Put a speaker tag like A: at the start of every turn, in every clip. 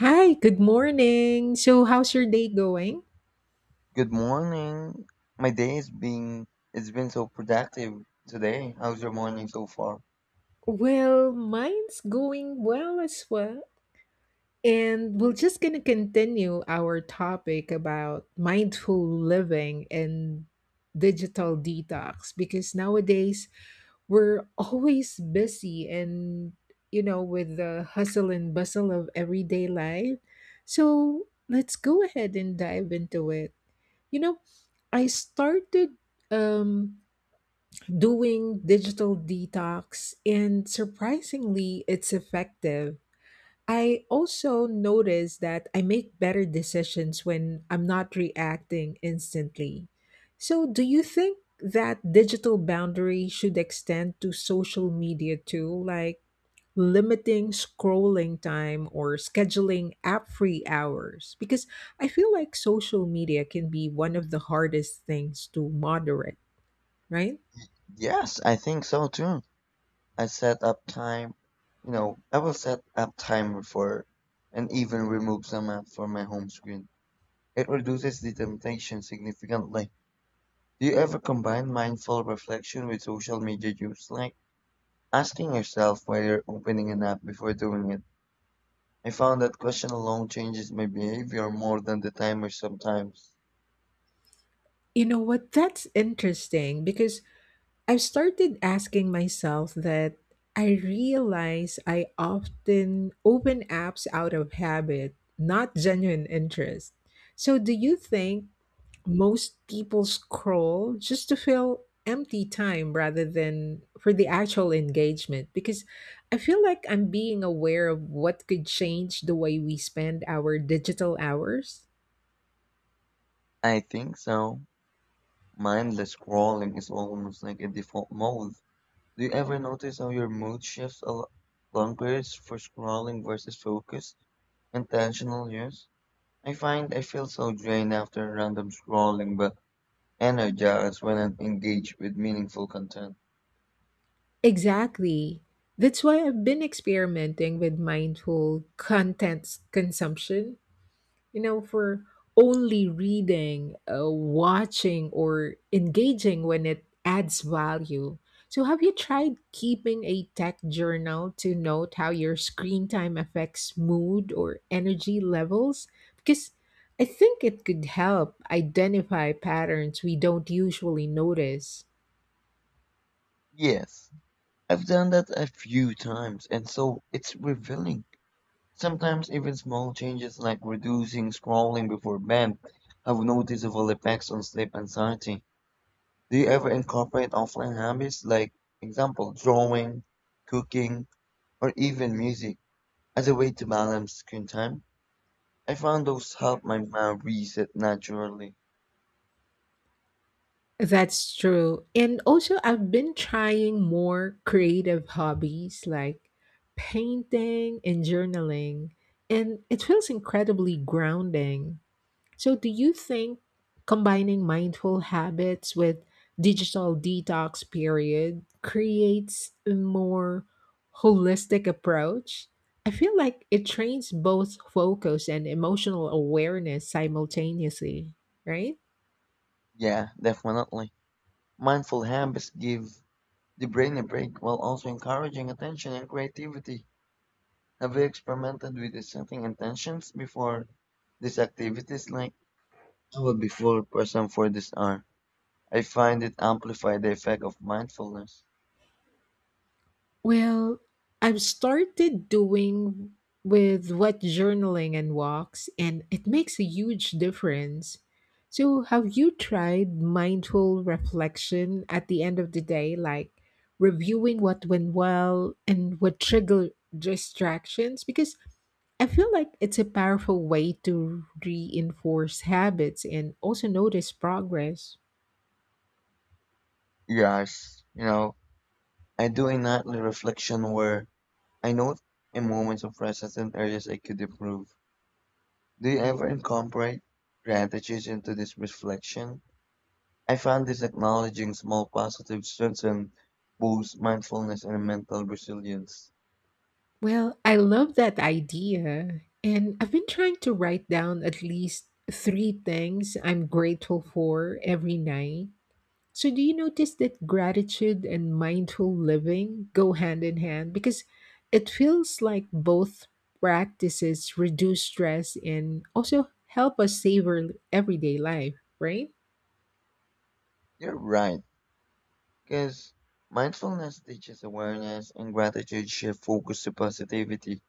A: Hi, good morning. So, how's your day going?
B: Good morning. My day has been it's been so productive today. How's your morning so far?
A: Well, mine's going well as well. And we're just going to continue our topic about mindful living and digital detox because nowadays we're always busy and with the hustle and bustle of everyday life. So, let's go ahead and dive into it. You know, I started um doing digital detox, and surprisingly, it's effective. I also notice that I make better decisions when I'm not reacting instantly. So, do you think that digital boundary should extend to social media too, like limiting scrolling time or scheduling app free hours? Because I feel like social media can be one of the hardest things to moderate, right?
B: Yes, I think so too. I set up time, you know, I will set up timer for and even remove some app from my home screen. It reduces the temptation significantly. Do you ever combine mindful reflection with social media use, like asking yourself why you're opening an app before doing it? I found that question alone changes my behavior more than the timer sometimes.
A: You know what? That's interesting because I've started asking myself that I realize I often open apps out of habit, not genuine interest. So, do you think most people scroll just to fill empty time rather than for the actual engagement? Because I feel like I'm being aware of what could change the way we spend our digital hours.
B: I think so. Mindless scrolling is almost like a default mode. Do you ever notice how your mood shifts along periods for scrolling versus focus, intentional use? I find I feel so drained after random scrolling, but energized when I'm engaged with meaningful content.
A: Exactly. That's why I've been experimenting with mindful content consumption, for only reading, watching, or engaging when it adds value. So, have you tried keeping a tech journal to note how your screen time affects mood or energy levels? Because I think it could help identify patterns we don't usually notice.
B: Yes, I've done that a few times, and so it's revealing. Sometimes even small changes like reducing scrolling before bed have noticeable effects on sleep anxiety. Do you ever incorporate offline hobbies like, example, drawing, cooking, or even music as a way to balance screen time? I found those help my mind reset naturally.
A: That's true. And also, I've been trying more creative hobbies like painting and journaling, and it feels incredibly grounding. So, do you think combining mindful habits with digital detox period creates a more holistic approach? I feel like it trains both focus and emotional awareness simultaneously, right?
B: Yeah, definitely. Mindful habits give the brain a break while also encouraging attention and creativity. Have you experimented with setting intentions before these activities like I will be full person for this hour? I find it amplify the effect of mindfulness.
A: Well, I've started doing with what journaling and walks, and it makes a huge difference. So, have you tried mindful reflection at the end of the day, like reviewing what went well and what triggered distractions? Because I feel like it's a powerful way to reinforce habits and also notice progress.
B: Yes, you know, I do a nightly reflection where I note in moments of presence and areas I could improve. Do you ever incorporate gratitude into this reflection? I found this acknowledging small positive strengthens boosts mindfulness and mental resilience.
A: Well, I love that idea. And I've been trying to write down at least 3 things I'm grateful for every night. So, do you notice that gratitude and mindful living go hand in hand? Because it feels like both practices reduce stress and also help us savor everyday life, right?
B: You're right, because mindfulness teaches awareness and gratitude shift focus to positivity.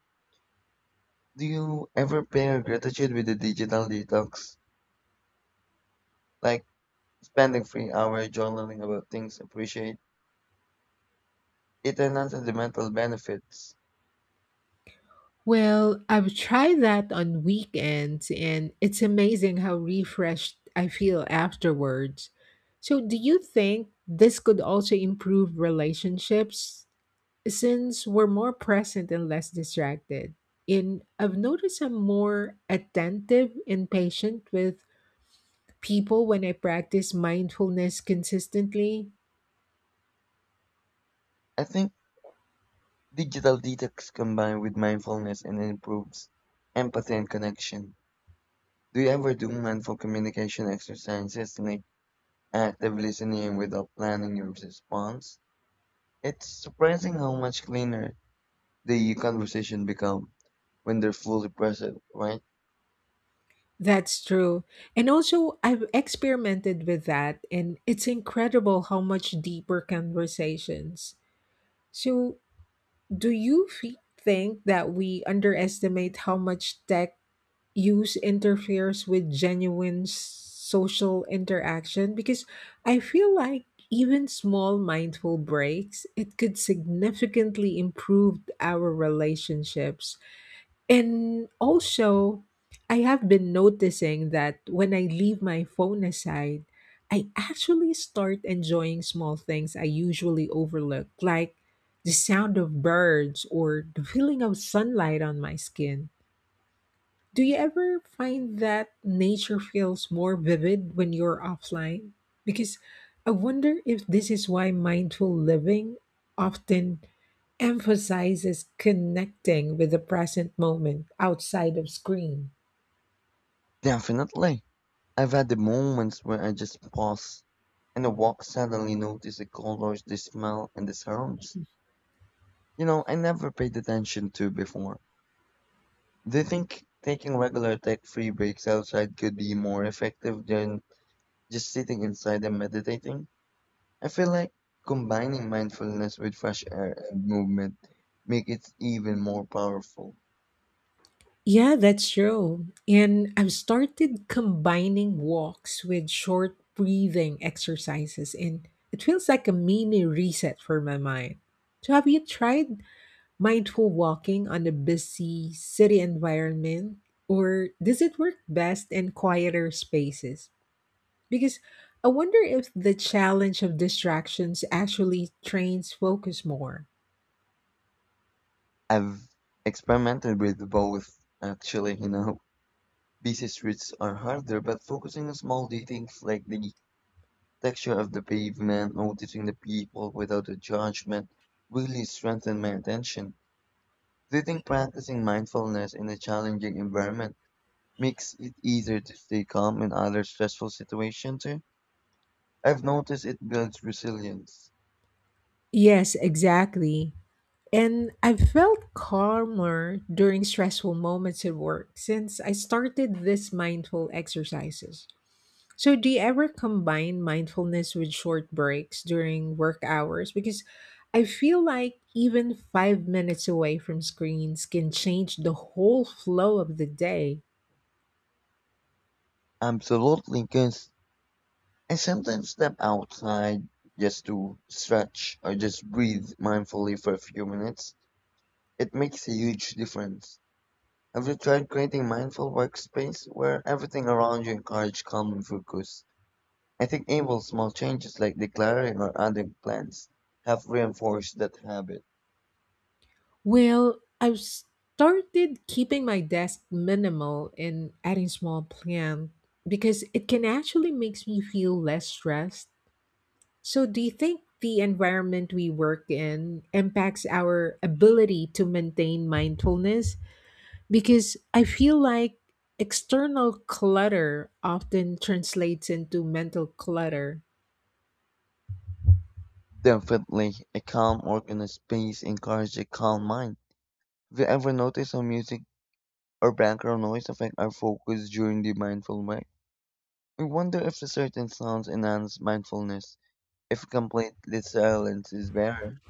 B: Do you ever pair gratitude with a digital detox? Like spending 3 hours journaling about things appreciate. It enhances the mental benefits.
A: Well, I've tried that on weekends, and it's amazing how refreshed I feel afterwards. So, do you think this could also improve relationships since we're more present and less distracted? And I've noticed I'm more attentive and patient with people when I practice mindfulness consistently.
B: I think digital detox combined with mindfulness and improves empathy and connection. Do you ever do mindful communication exercises like active listening without planning your response? It's surprising how much cleaner the e conversation become when they're fully present, right?
A: That's true. And also, I've experimented with that, and it's incredible how much deeper conversations. So, do you think that we underestimate how much tech use interferes with genuine social interaction? Because I feel like even small mindful breaks, it could significantly improve our relationships. And also, I have been noticing that when I leave my phone aside, I actually start enjoying small things I usually overlook, like the sound of birds or the feeling of sunlight on my skin. Do you ever find that nature feels more vivid when you're offline? Because I wonder if this is why mindful living often emphasizes connecting with the present moment outside of screen.
B: Definitely. I've had the moments where I just pause and the walk suddenly notice the colors, the smell, and the sounds. You know, I never paid attention to before. Do you think taking regular tech-free breaks outside could be more effective than just sitting inside and meditating? I feel like combining mindfulness with fresh air and movement make it even more powerful.
A: Yeah, that's true. And I've started combining walks with short breathing exercises, and it feels like a mini reset for my mind. So, have you tried mindful walking on a busy city environment? Or does it work best in quieter spaces? Because I wonder if the challenge of distractions actually trains focus more.
B: I've experimented with both, actually, you know. Busy streets are harder, but focusing on small details like the texture of the pavement, noticing the people without a judgment, really strengthened my attention. Do you think practicing mindfulness in a challenging environment makes it easier to stay calm in other stressful situations too? I've noticed it builds resilience.
A: Yes, exactly. And I felt calmer during stressful moments at work since I started these mindful exercises. So, do you ever combine mindfulness with short breaks during work hours? Because I feel like even 5 minutes away from screens can change the whole flow of the day.
B: Absolutely, because I sometimes step outside just to stretch or just breathe mindfully for a few minutes. It makes a huge difference. Have you tried creating mindful workspace where everything around you encourages calm and focus? I think able small changes like declaring or adding plans have reinforced that habit.
A: Well, I've started keeping my desk minimal and adding small plant because it can actually makes me feel less stressed. So, do you think the environment we work in impacts our ability to maintain mindfulness? Because I feel like external clutter often translates into mental clutter.
B: Definitely, a calm, organized space encourages a calm mind. Have you ever noticed how music or background noise affect our focus during the mindful way? I wonder if certain sounds enhance mindfulness, if complete silence is better.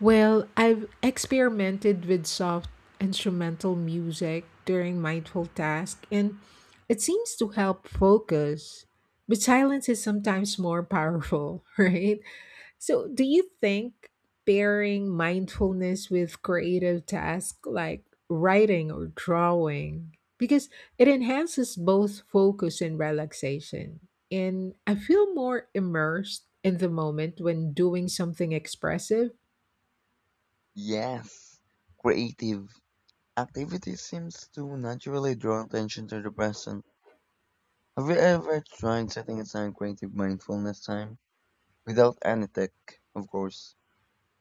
A: Well, I've experimented with soft instrumental music during mindful tasks, and it seems to help focus. But silence is sometimes more powerful, right? So, do you think pairing mindfulness with creative tasks like writing or drawing because it enhances both focus and relaxation. And I feel more immersed in the moment when doing something expressive.
B: Yes, creative activity seems to naturally draw attention to the present. Have you ever tried setting aside creative mindfulness time without any tech, of course?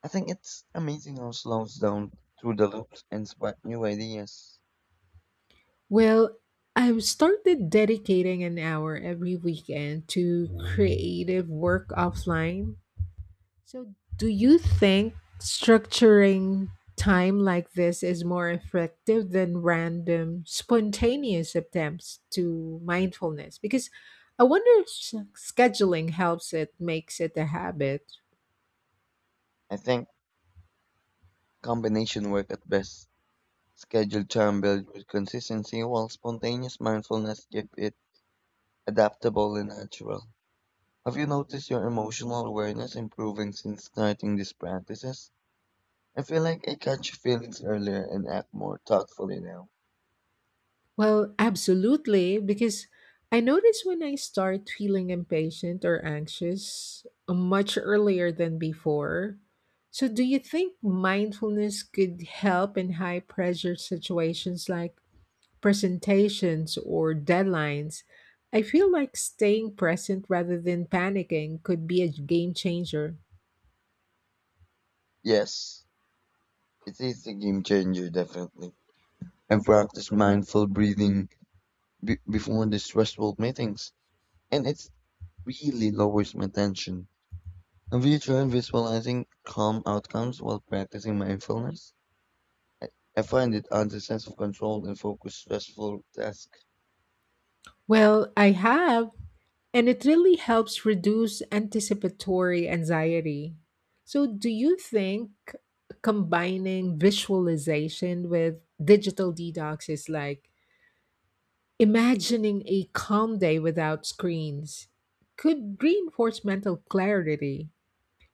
B: I think it's amazing how slows down through the loops and spark new ideas.
A: Well, I've started dedicating an hour every weekend to creative work offline. So, do you think structuring time like this is more effective than random, spontaneous attempts to mindfulness? Because I wonder if scheduling helps it, makes it a habit.
B: I think combination work at best. Scheduled charm built with consistency while spontaneous mindfulness keep it adaptable and natural. Have you noticed your emotional awareness improving since starting these practices? I feel like I catch feelings earlier and act more thoughtfully now.
A: Well, absolutely, because I notice when I start feeling impatient or anxious much earlier than before. So, do you think mindfulness could help in high pressure situations like presentations or deadlines, I feel like staying present rather than panicking could be a game changer.
B: Yes, it is a game changer definitely. I practice mindful breathing before the stressful meetings and it's really lowers my tension. Have you tried visualizing calm outcomes while practicing mindfulness? I I find it adds a sense of control and focus stressful tasks.
A: Well, I have, and it really helps reduce anticipatory anxiety. So, do you think combining visualization with digital detox is like imagining a calm day without screens could reinforce mental clarity?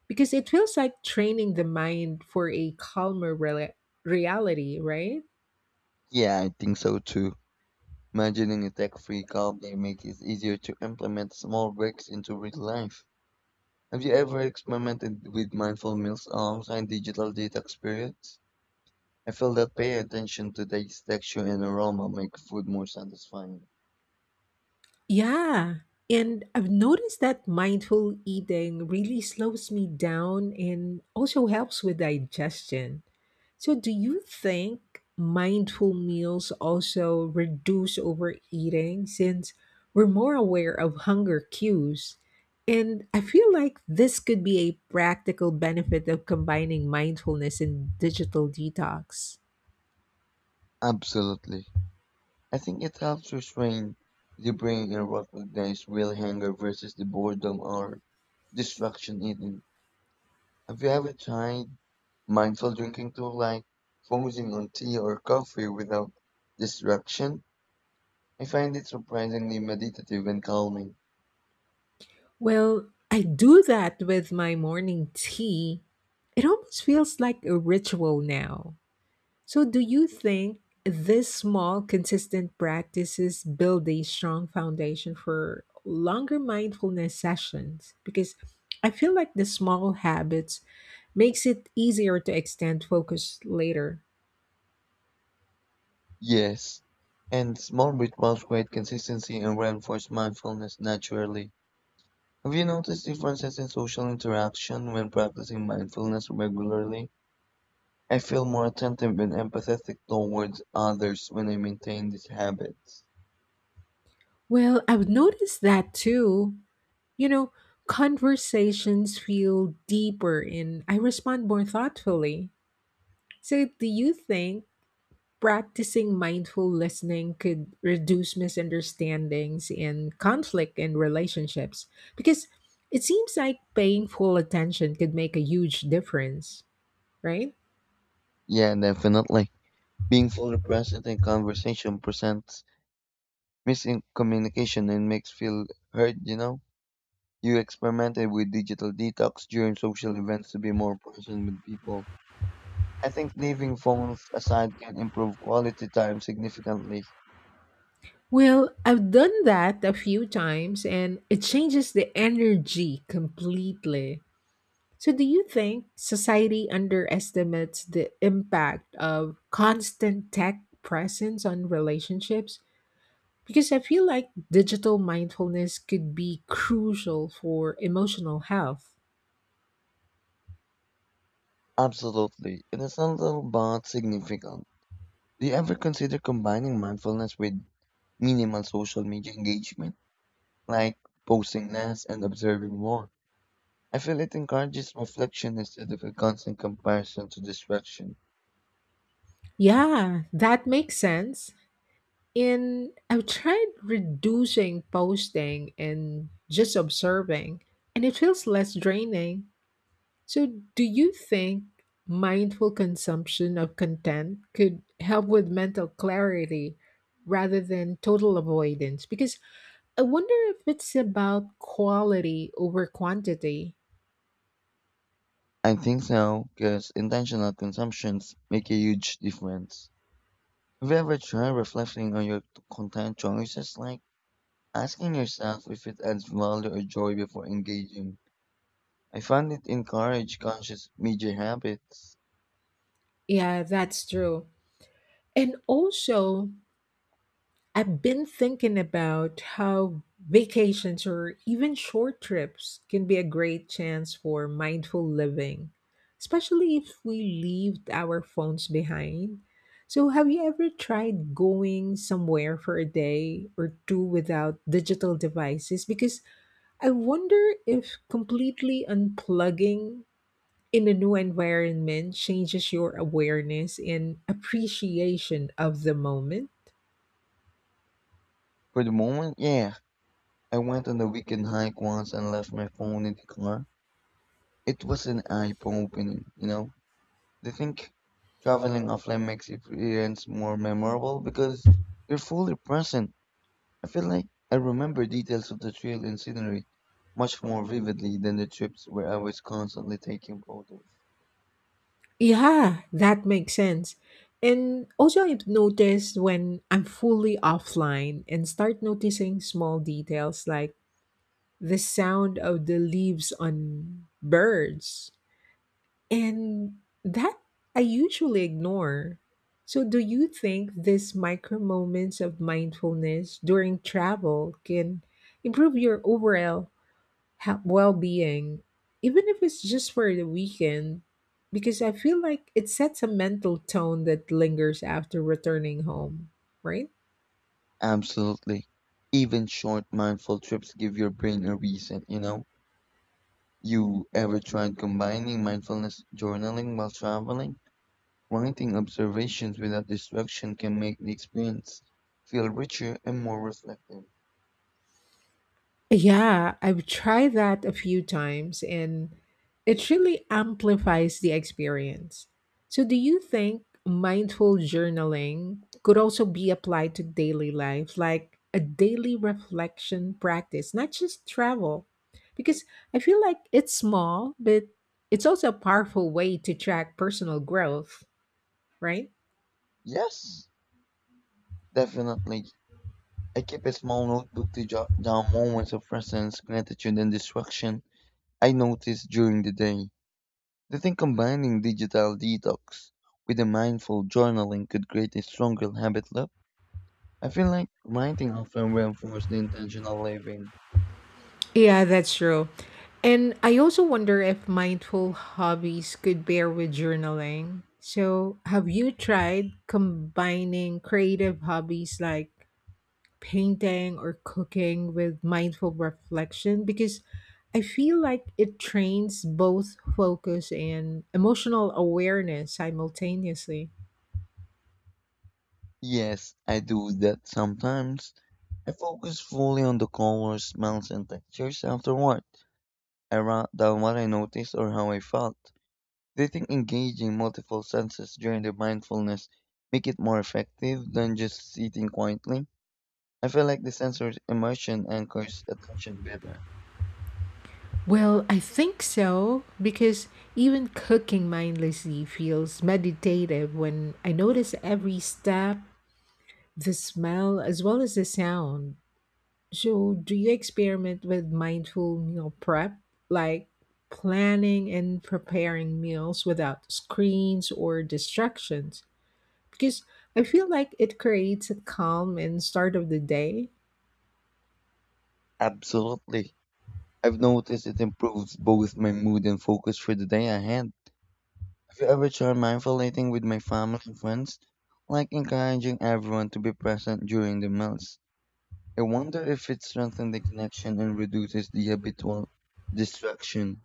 A: Because it feels like training the mind for a calmer rela reality, right?
B: Yeah, I think so too. Imagining a tech-free calm day makes it easier to implement small breaks into real life. Have you ever experimented with mindful meals alongside digital detox periods? I feel that paying attention to taste, texture, and aroma make food more satisfying.
A: Yeah. And I've noticed that mindful eating really slows me down and also helps with digestion. So, do you think mindful meals also reduce overeating since we're more aware of hunger cues? And I feel like this could be a practical benefit of combining mindfulness and digital detox.
B: Absolutely. I think it helps restrain the brain and recognize real hunger versus the boredom or distraction eating. Have you ever tried mindful drinking too, like focusing on tea or coffee without distraction? I find it surprisingly meditative and calming.
A: Well, I do that with my morning tea. It almost feels like a ritual now. So, do you think this small, consistent practices build a strong foundation for longer mindfulness sessions? Because I feel like the small habits makes it easier to extend focus later.
B: Yes, and small rituals create consistency and reinforce mindfulness naturally. Have you noticed differences in social interaction when practicing mindfulness regularly? I feel more attentive and empathetic towards others when I maintain these habits.
A: Well, I've noticed that too. You know, Conversations feel deeper and I respond more thoughtfully. So, do you think practicing mindful listening could reduce misunderstandings and conflict in relationships? Because it seems like paying full attention could make a huge difference, right?
B: Yeah, definitely. Being fully present in conversation presents missing communication and makes feel hurt, you know? You experimented with digital detox during social events to be more present with people. I think leaving phones aside can improve quality time significantly.
A: Well, I've done that a few times and it changes the energy completely. So, do you think society underestimates the impact of constant tech presence on relationships? Because I feel like digital mindfulness could be crucial for emotional health.
B: Absolutely. It is not little but significant. Do you ever consider combining mindfulness with minimal social media engagement? Like posting less and observing more. I feel it encourages reflection instead of a constant comparison to distraction.
A: Yeah, that makes sense. And I've tried reducing posting and just observing, and it feels less draining. So, do you think mindful consumption of content could help with mental clarity rather than total avoidance? Because I wonder if it's about quality over quantity.
B: I think so, because intentional consumptions make a huge difference. Have you ever tried reflecting on your content choices, like asking yourself if it adds value or joy before engaging? I found it encourage conscious media habits.
A: Yeah, that's true. And also, I've been thinking about how vacations or even short trips can be a great chance for mindful living, especially if we leave our phones behind. So, have you ever tried going somewhere for a day or two without digital devices? Because I wonder if completely unplugging in a new environment changes your awareness and appreciation of the moment.
B: For the moment, yeah. I went on a weekend hike once and left my phone in the car. It was an eye-opening, you know? They think traveling offline makes the experience more memorable because you're fully present. I feel like I remember details of the trail and scenery much more vividly than the trips where I was constantly taking photos.
A: Yeah, that makes sense. And also, I've noticed when I'm fully offline and start noticing small details like the sound of the leaves on birds. And that I usually ignore. So, do you think these micro moments of mindfulness during travel can improve your overall well-being even if it's just for the weekend because I feel like it sets a mental tone that lingers after returning home, right?
B: Absolutely. Even short mindful trips give your brain a reset, you know? You ever tried combining mindfulness journaling while traveling? Writing observations without distraction can make the experience feel richer and more reflective.
A: Yeah, I've tried that a few times and it really amplifies the experience. So, do you think mindful journaling could also be applied to daily life, like a daily reflection practice, not just travel? Because I feel like it's small, but it's also a powerful way to track personal growth, right?
B: Yes, definitely. I keep a small notebook to jot down moments of presence, gratitude, and distraction I noticed during the day. Do you think combining digital detox with a mindful journaling could create a stronger habit loop? I feel like writing often reinforces the intentional living.
A: Yeah, that's true. And I also wonder if mindful hobbies could pair with journaling. So, have you tried combining creative hobbies like painting or cooking with mindful reflection? Because I feel like it trains both focus and emotional awareness simultaneously.
B: Yes, I do that sometimes. I focus fully on the colors, smells, and textures afterward. I write down what I noticed or how I felt. Do you think engaging multiple senses during the mindfulness make it more effective than just sitting quietly? I feel like the sensory immersion anchors attention better.
A: Well, I think so because even cooking mindlessly feels meditative when I notice every step the smell as well as the sound. So, do you experiment with mindful meal prep, like planning and preparing meals without screens or distractions? Because I feel like it creates a calm and start of the day.
B: Absolutely. I've noticed it improves both my mood and focus for the day ahead. Have you ever tried mindful eating with my family and friends? Like encouraging everyone to be present during the meals. I wonder if it strengthens the connection and reduces the habitual distraction.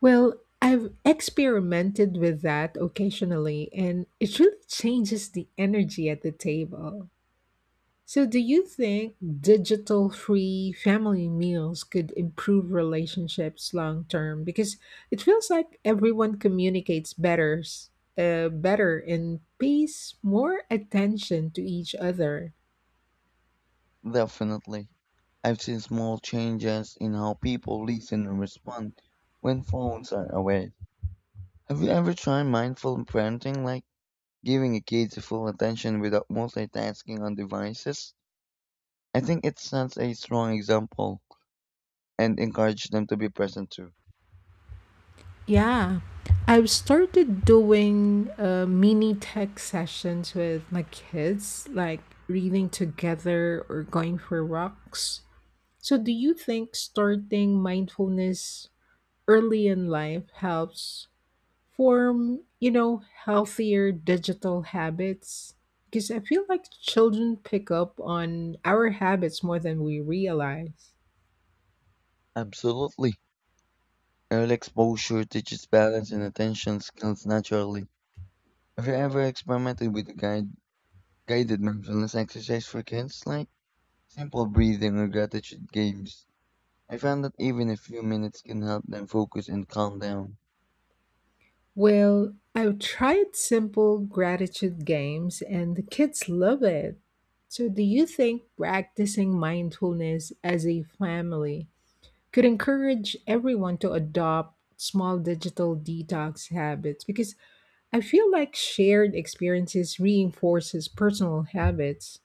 A: Well, I've experimented with that occasionally, and it really changes the energy at the table. So, do you think digital free family meals could improve relationships long term? Because it feels like everyone communicates better, better and pays more attention to each other.
B: Definitely. I've seen small changes in how people listen and respond when phones are away. Have you ever tried mindful parenting, like giving a kid the full attention without multitasking on devices? I think it sets a strong example and encourages them to be present too.
A: Yeah, I've started doing mini tech sessions with my kids, like reading together or going for walks. So, do you think starting mindfulness early in life helps form healthier digital habits? Because I feel like children pick up on our habits more than we realize.
B: Absolutely. Early exposure teaches balance and attention skills naturally. Have you ever experimented with guided mindfulness exercise for kids, like simple breathing or gratitude games? I found that even a few minutes can help them focus and calm down.
A: Well, I've tried simple gratitude games and the kids love it. So, do you think practicing mindfulness as a family could encourage everyone to adopt small digital detox habits? Because I feel like shared experiences reinforces personal habits.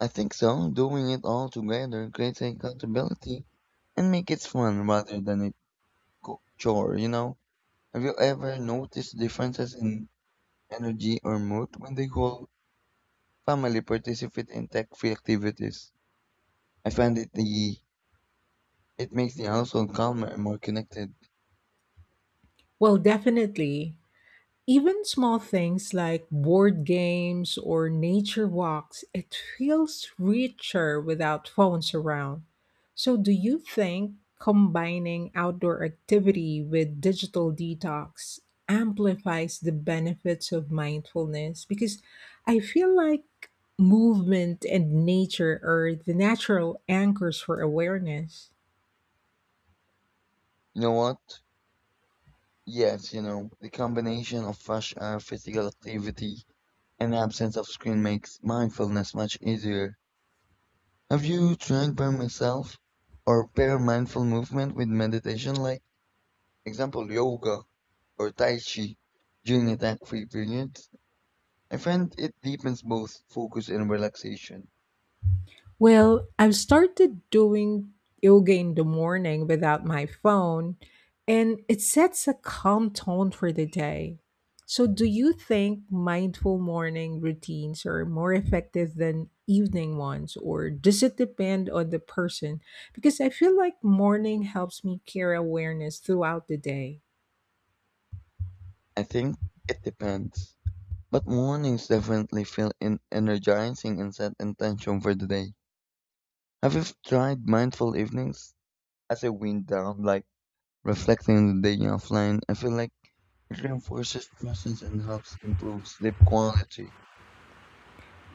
B: I think so. Doing it all together creates accountability and make it fun rather than a chore, you know? Have you ever noticed differences in energy or mood when the whole family participate in tech-free activities? I find it makes the household calmer and more connected.
A: Well, definitely. Even small things like board games or nature walks, it feels richer without phones around. So, do you think combining outdoor activity with digital detox amplifies the benefits of mindfulness? Because I feel like movement and nature are the natural anchors for awareness.
B: You know what? Yes, you know, the combination of fresh air, physical activity, and absence of screen makes mindfulness much easier. Have you tried by myself or pair mindful movement with meditation, like example yoga or tai chi during attack-free periods? I find it deepens both focus and relaxation.
A: Well, I've started doing yoga in the morning without my phone, and it sets a calm tone for the day. So, do you think mindful morning routines are more effective than evening ones, or does it depend on the person? Because I feel like morning helps me carry awareness throughout the day.
B: I think it depends, but mornings definitely feel energizing and set intention for the day. Have you tried mindful evenings as a wind down, like reflecting on the day offline? I feel like it reinforces presence and helps improve sleep quality.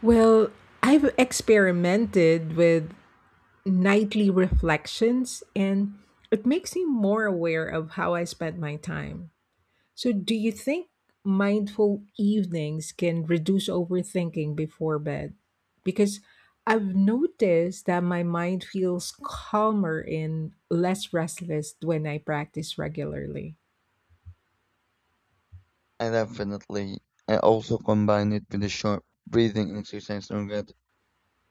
A: Well, I've experimented with nightly reflections and it makes me more aware of how I spend my time. So, do you think mindful evenings can reduce overthinking before bed? Because I've noticed that my mind feels calmer and less restless when I practice regularly.
B: I definitely. I also combine it with a short breathing exercise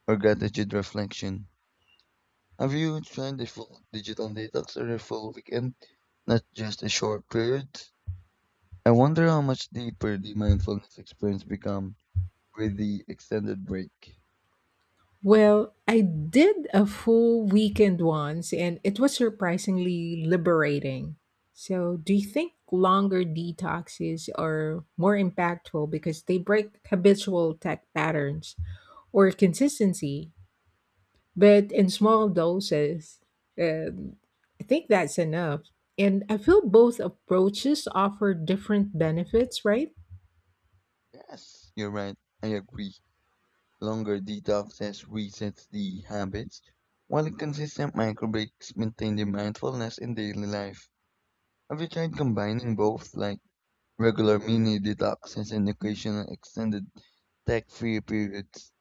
B: or gratitude reflection. Have you tried a full digital detox or a full weekend, not just a short period? I wonder how much deeper the mindfulness experience become with the extended break.
A: Well, I did a full weekend once and it was surprisingly liberating. So, do you think longer detoxes are more impactful because they break habitual tech patterns or consistency, but in small doses? Um, I think that's enough. And I feel both approaches offer different benefits, right?
B: Yes, you're right. I agree. Longer detoxes resets the habits, while consistent micro breaks maintain the mindfulness in daily life. Have you tried combining both, like regular mini detoxes and occasional extended tech free periods.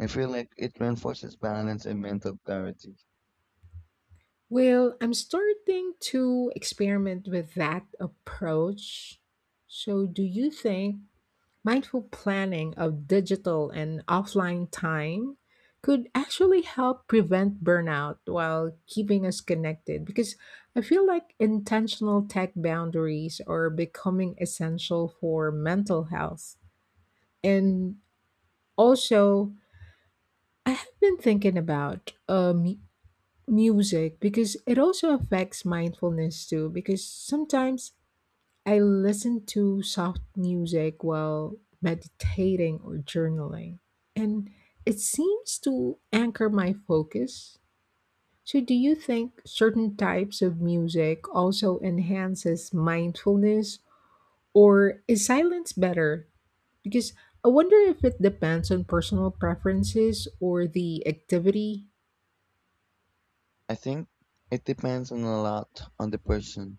B: I feel like it reinforces balance and mental clarity.
A: Well, I'm starting to experiment with that approach. So, do you think mindful planning of digital and offline time could actually help prevent burnout while keeping us connected? Because I feel like intentional tech boundaries are becoming essential for mental health. And also, I have been thinking about music because it also affects mindfulness too because sometimes I listen to soft music while meditating or journaling and it seems to anchor my focus. So do you think certain types of music also enhances mindfulness or is silence better, because I wonder if it depends on personal preferences or the activity?
B: I think it depends on a lot on the person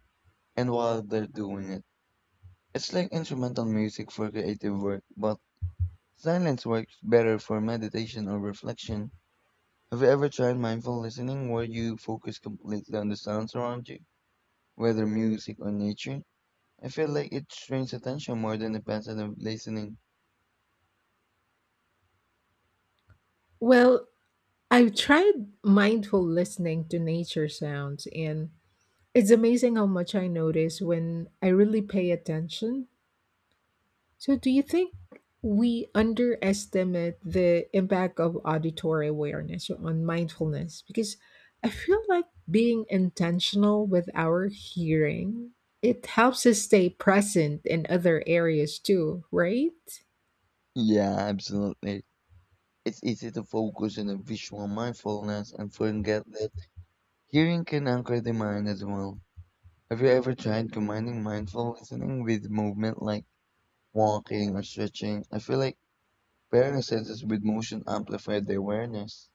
B: and while they're doing it. It's like instrumental music for creative work, but silence works better for meditation or reflection. Have you ever tried mindful listening where you focus completely on the sounds around you, whether music or nature? I feel like it strains attention more than the passive listening.
A: Well, I've tried mindful listening to nature sounds, and it's amazing how much I notice when I really pay attention. So, do you think we underestimate the impact of auditory awareness on mindfulness? Because I feel like being intentional with our hearing, it helps us stay present in other areas too, right?
B: Yeah, absolutely. It's easy to focus on a visual mindfulness and forget that hearing can anchor the mind as well. Have you ever tried combining mindful listening with movement like walking or stretching? I feel like pairing the senses with motion amplified the awareness.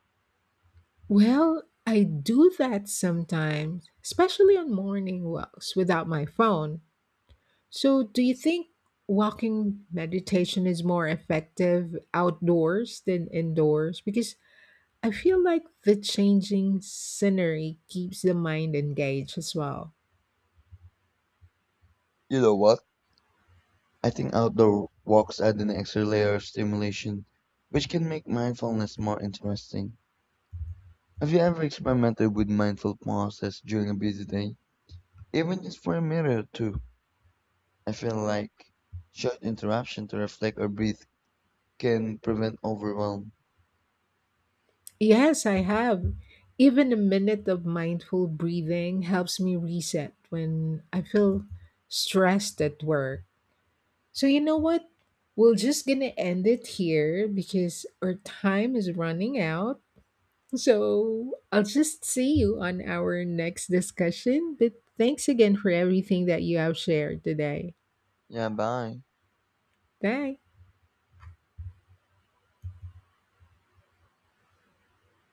A: Well, I do that sometimes, especially on morning walks without my phone. So, do you think walking meditation is more effective outdoors than indoors? Because I feel like the changing scenery keeps the mind engaged as well.
B: You know what? I think outdoor walks add an extra layer of stimulation, which can make mindfulness more interesting. Have you ever experimented with mindful pauses during a busy day, even just for a minute or two? I feel like short interruption to reflect or breathe can prevent overwhelm.
A: Yes, I have. Even a minute of mindful breathing helps me reset when I feel stressed at work. So you know what? We're just gonna end it here because our time is running out. So I'll just see you on our next discussion. But thanks again for everything that you have shared today.
B: Yeah, bye.
A: Thanks.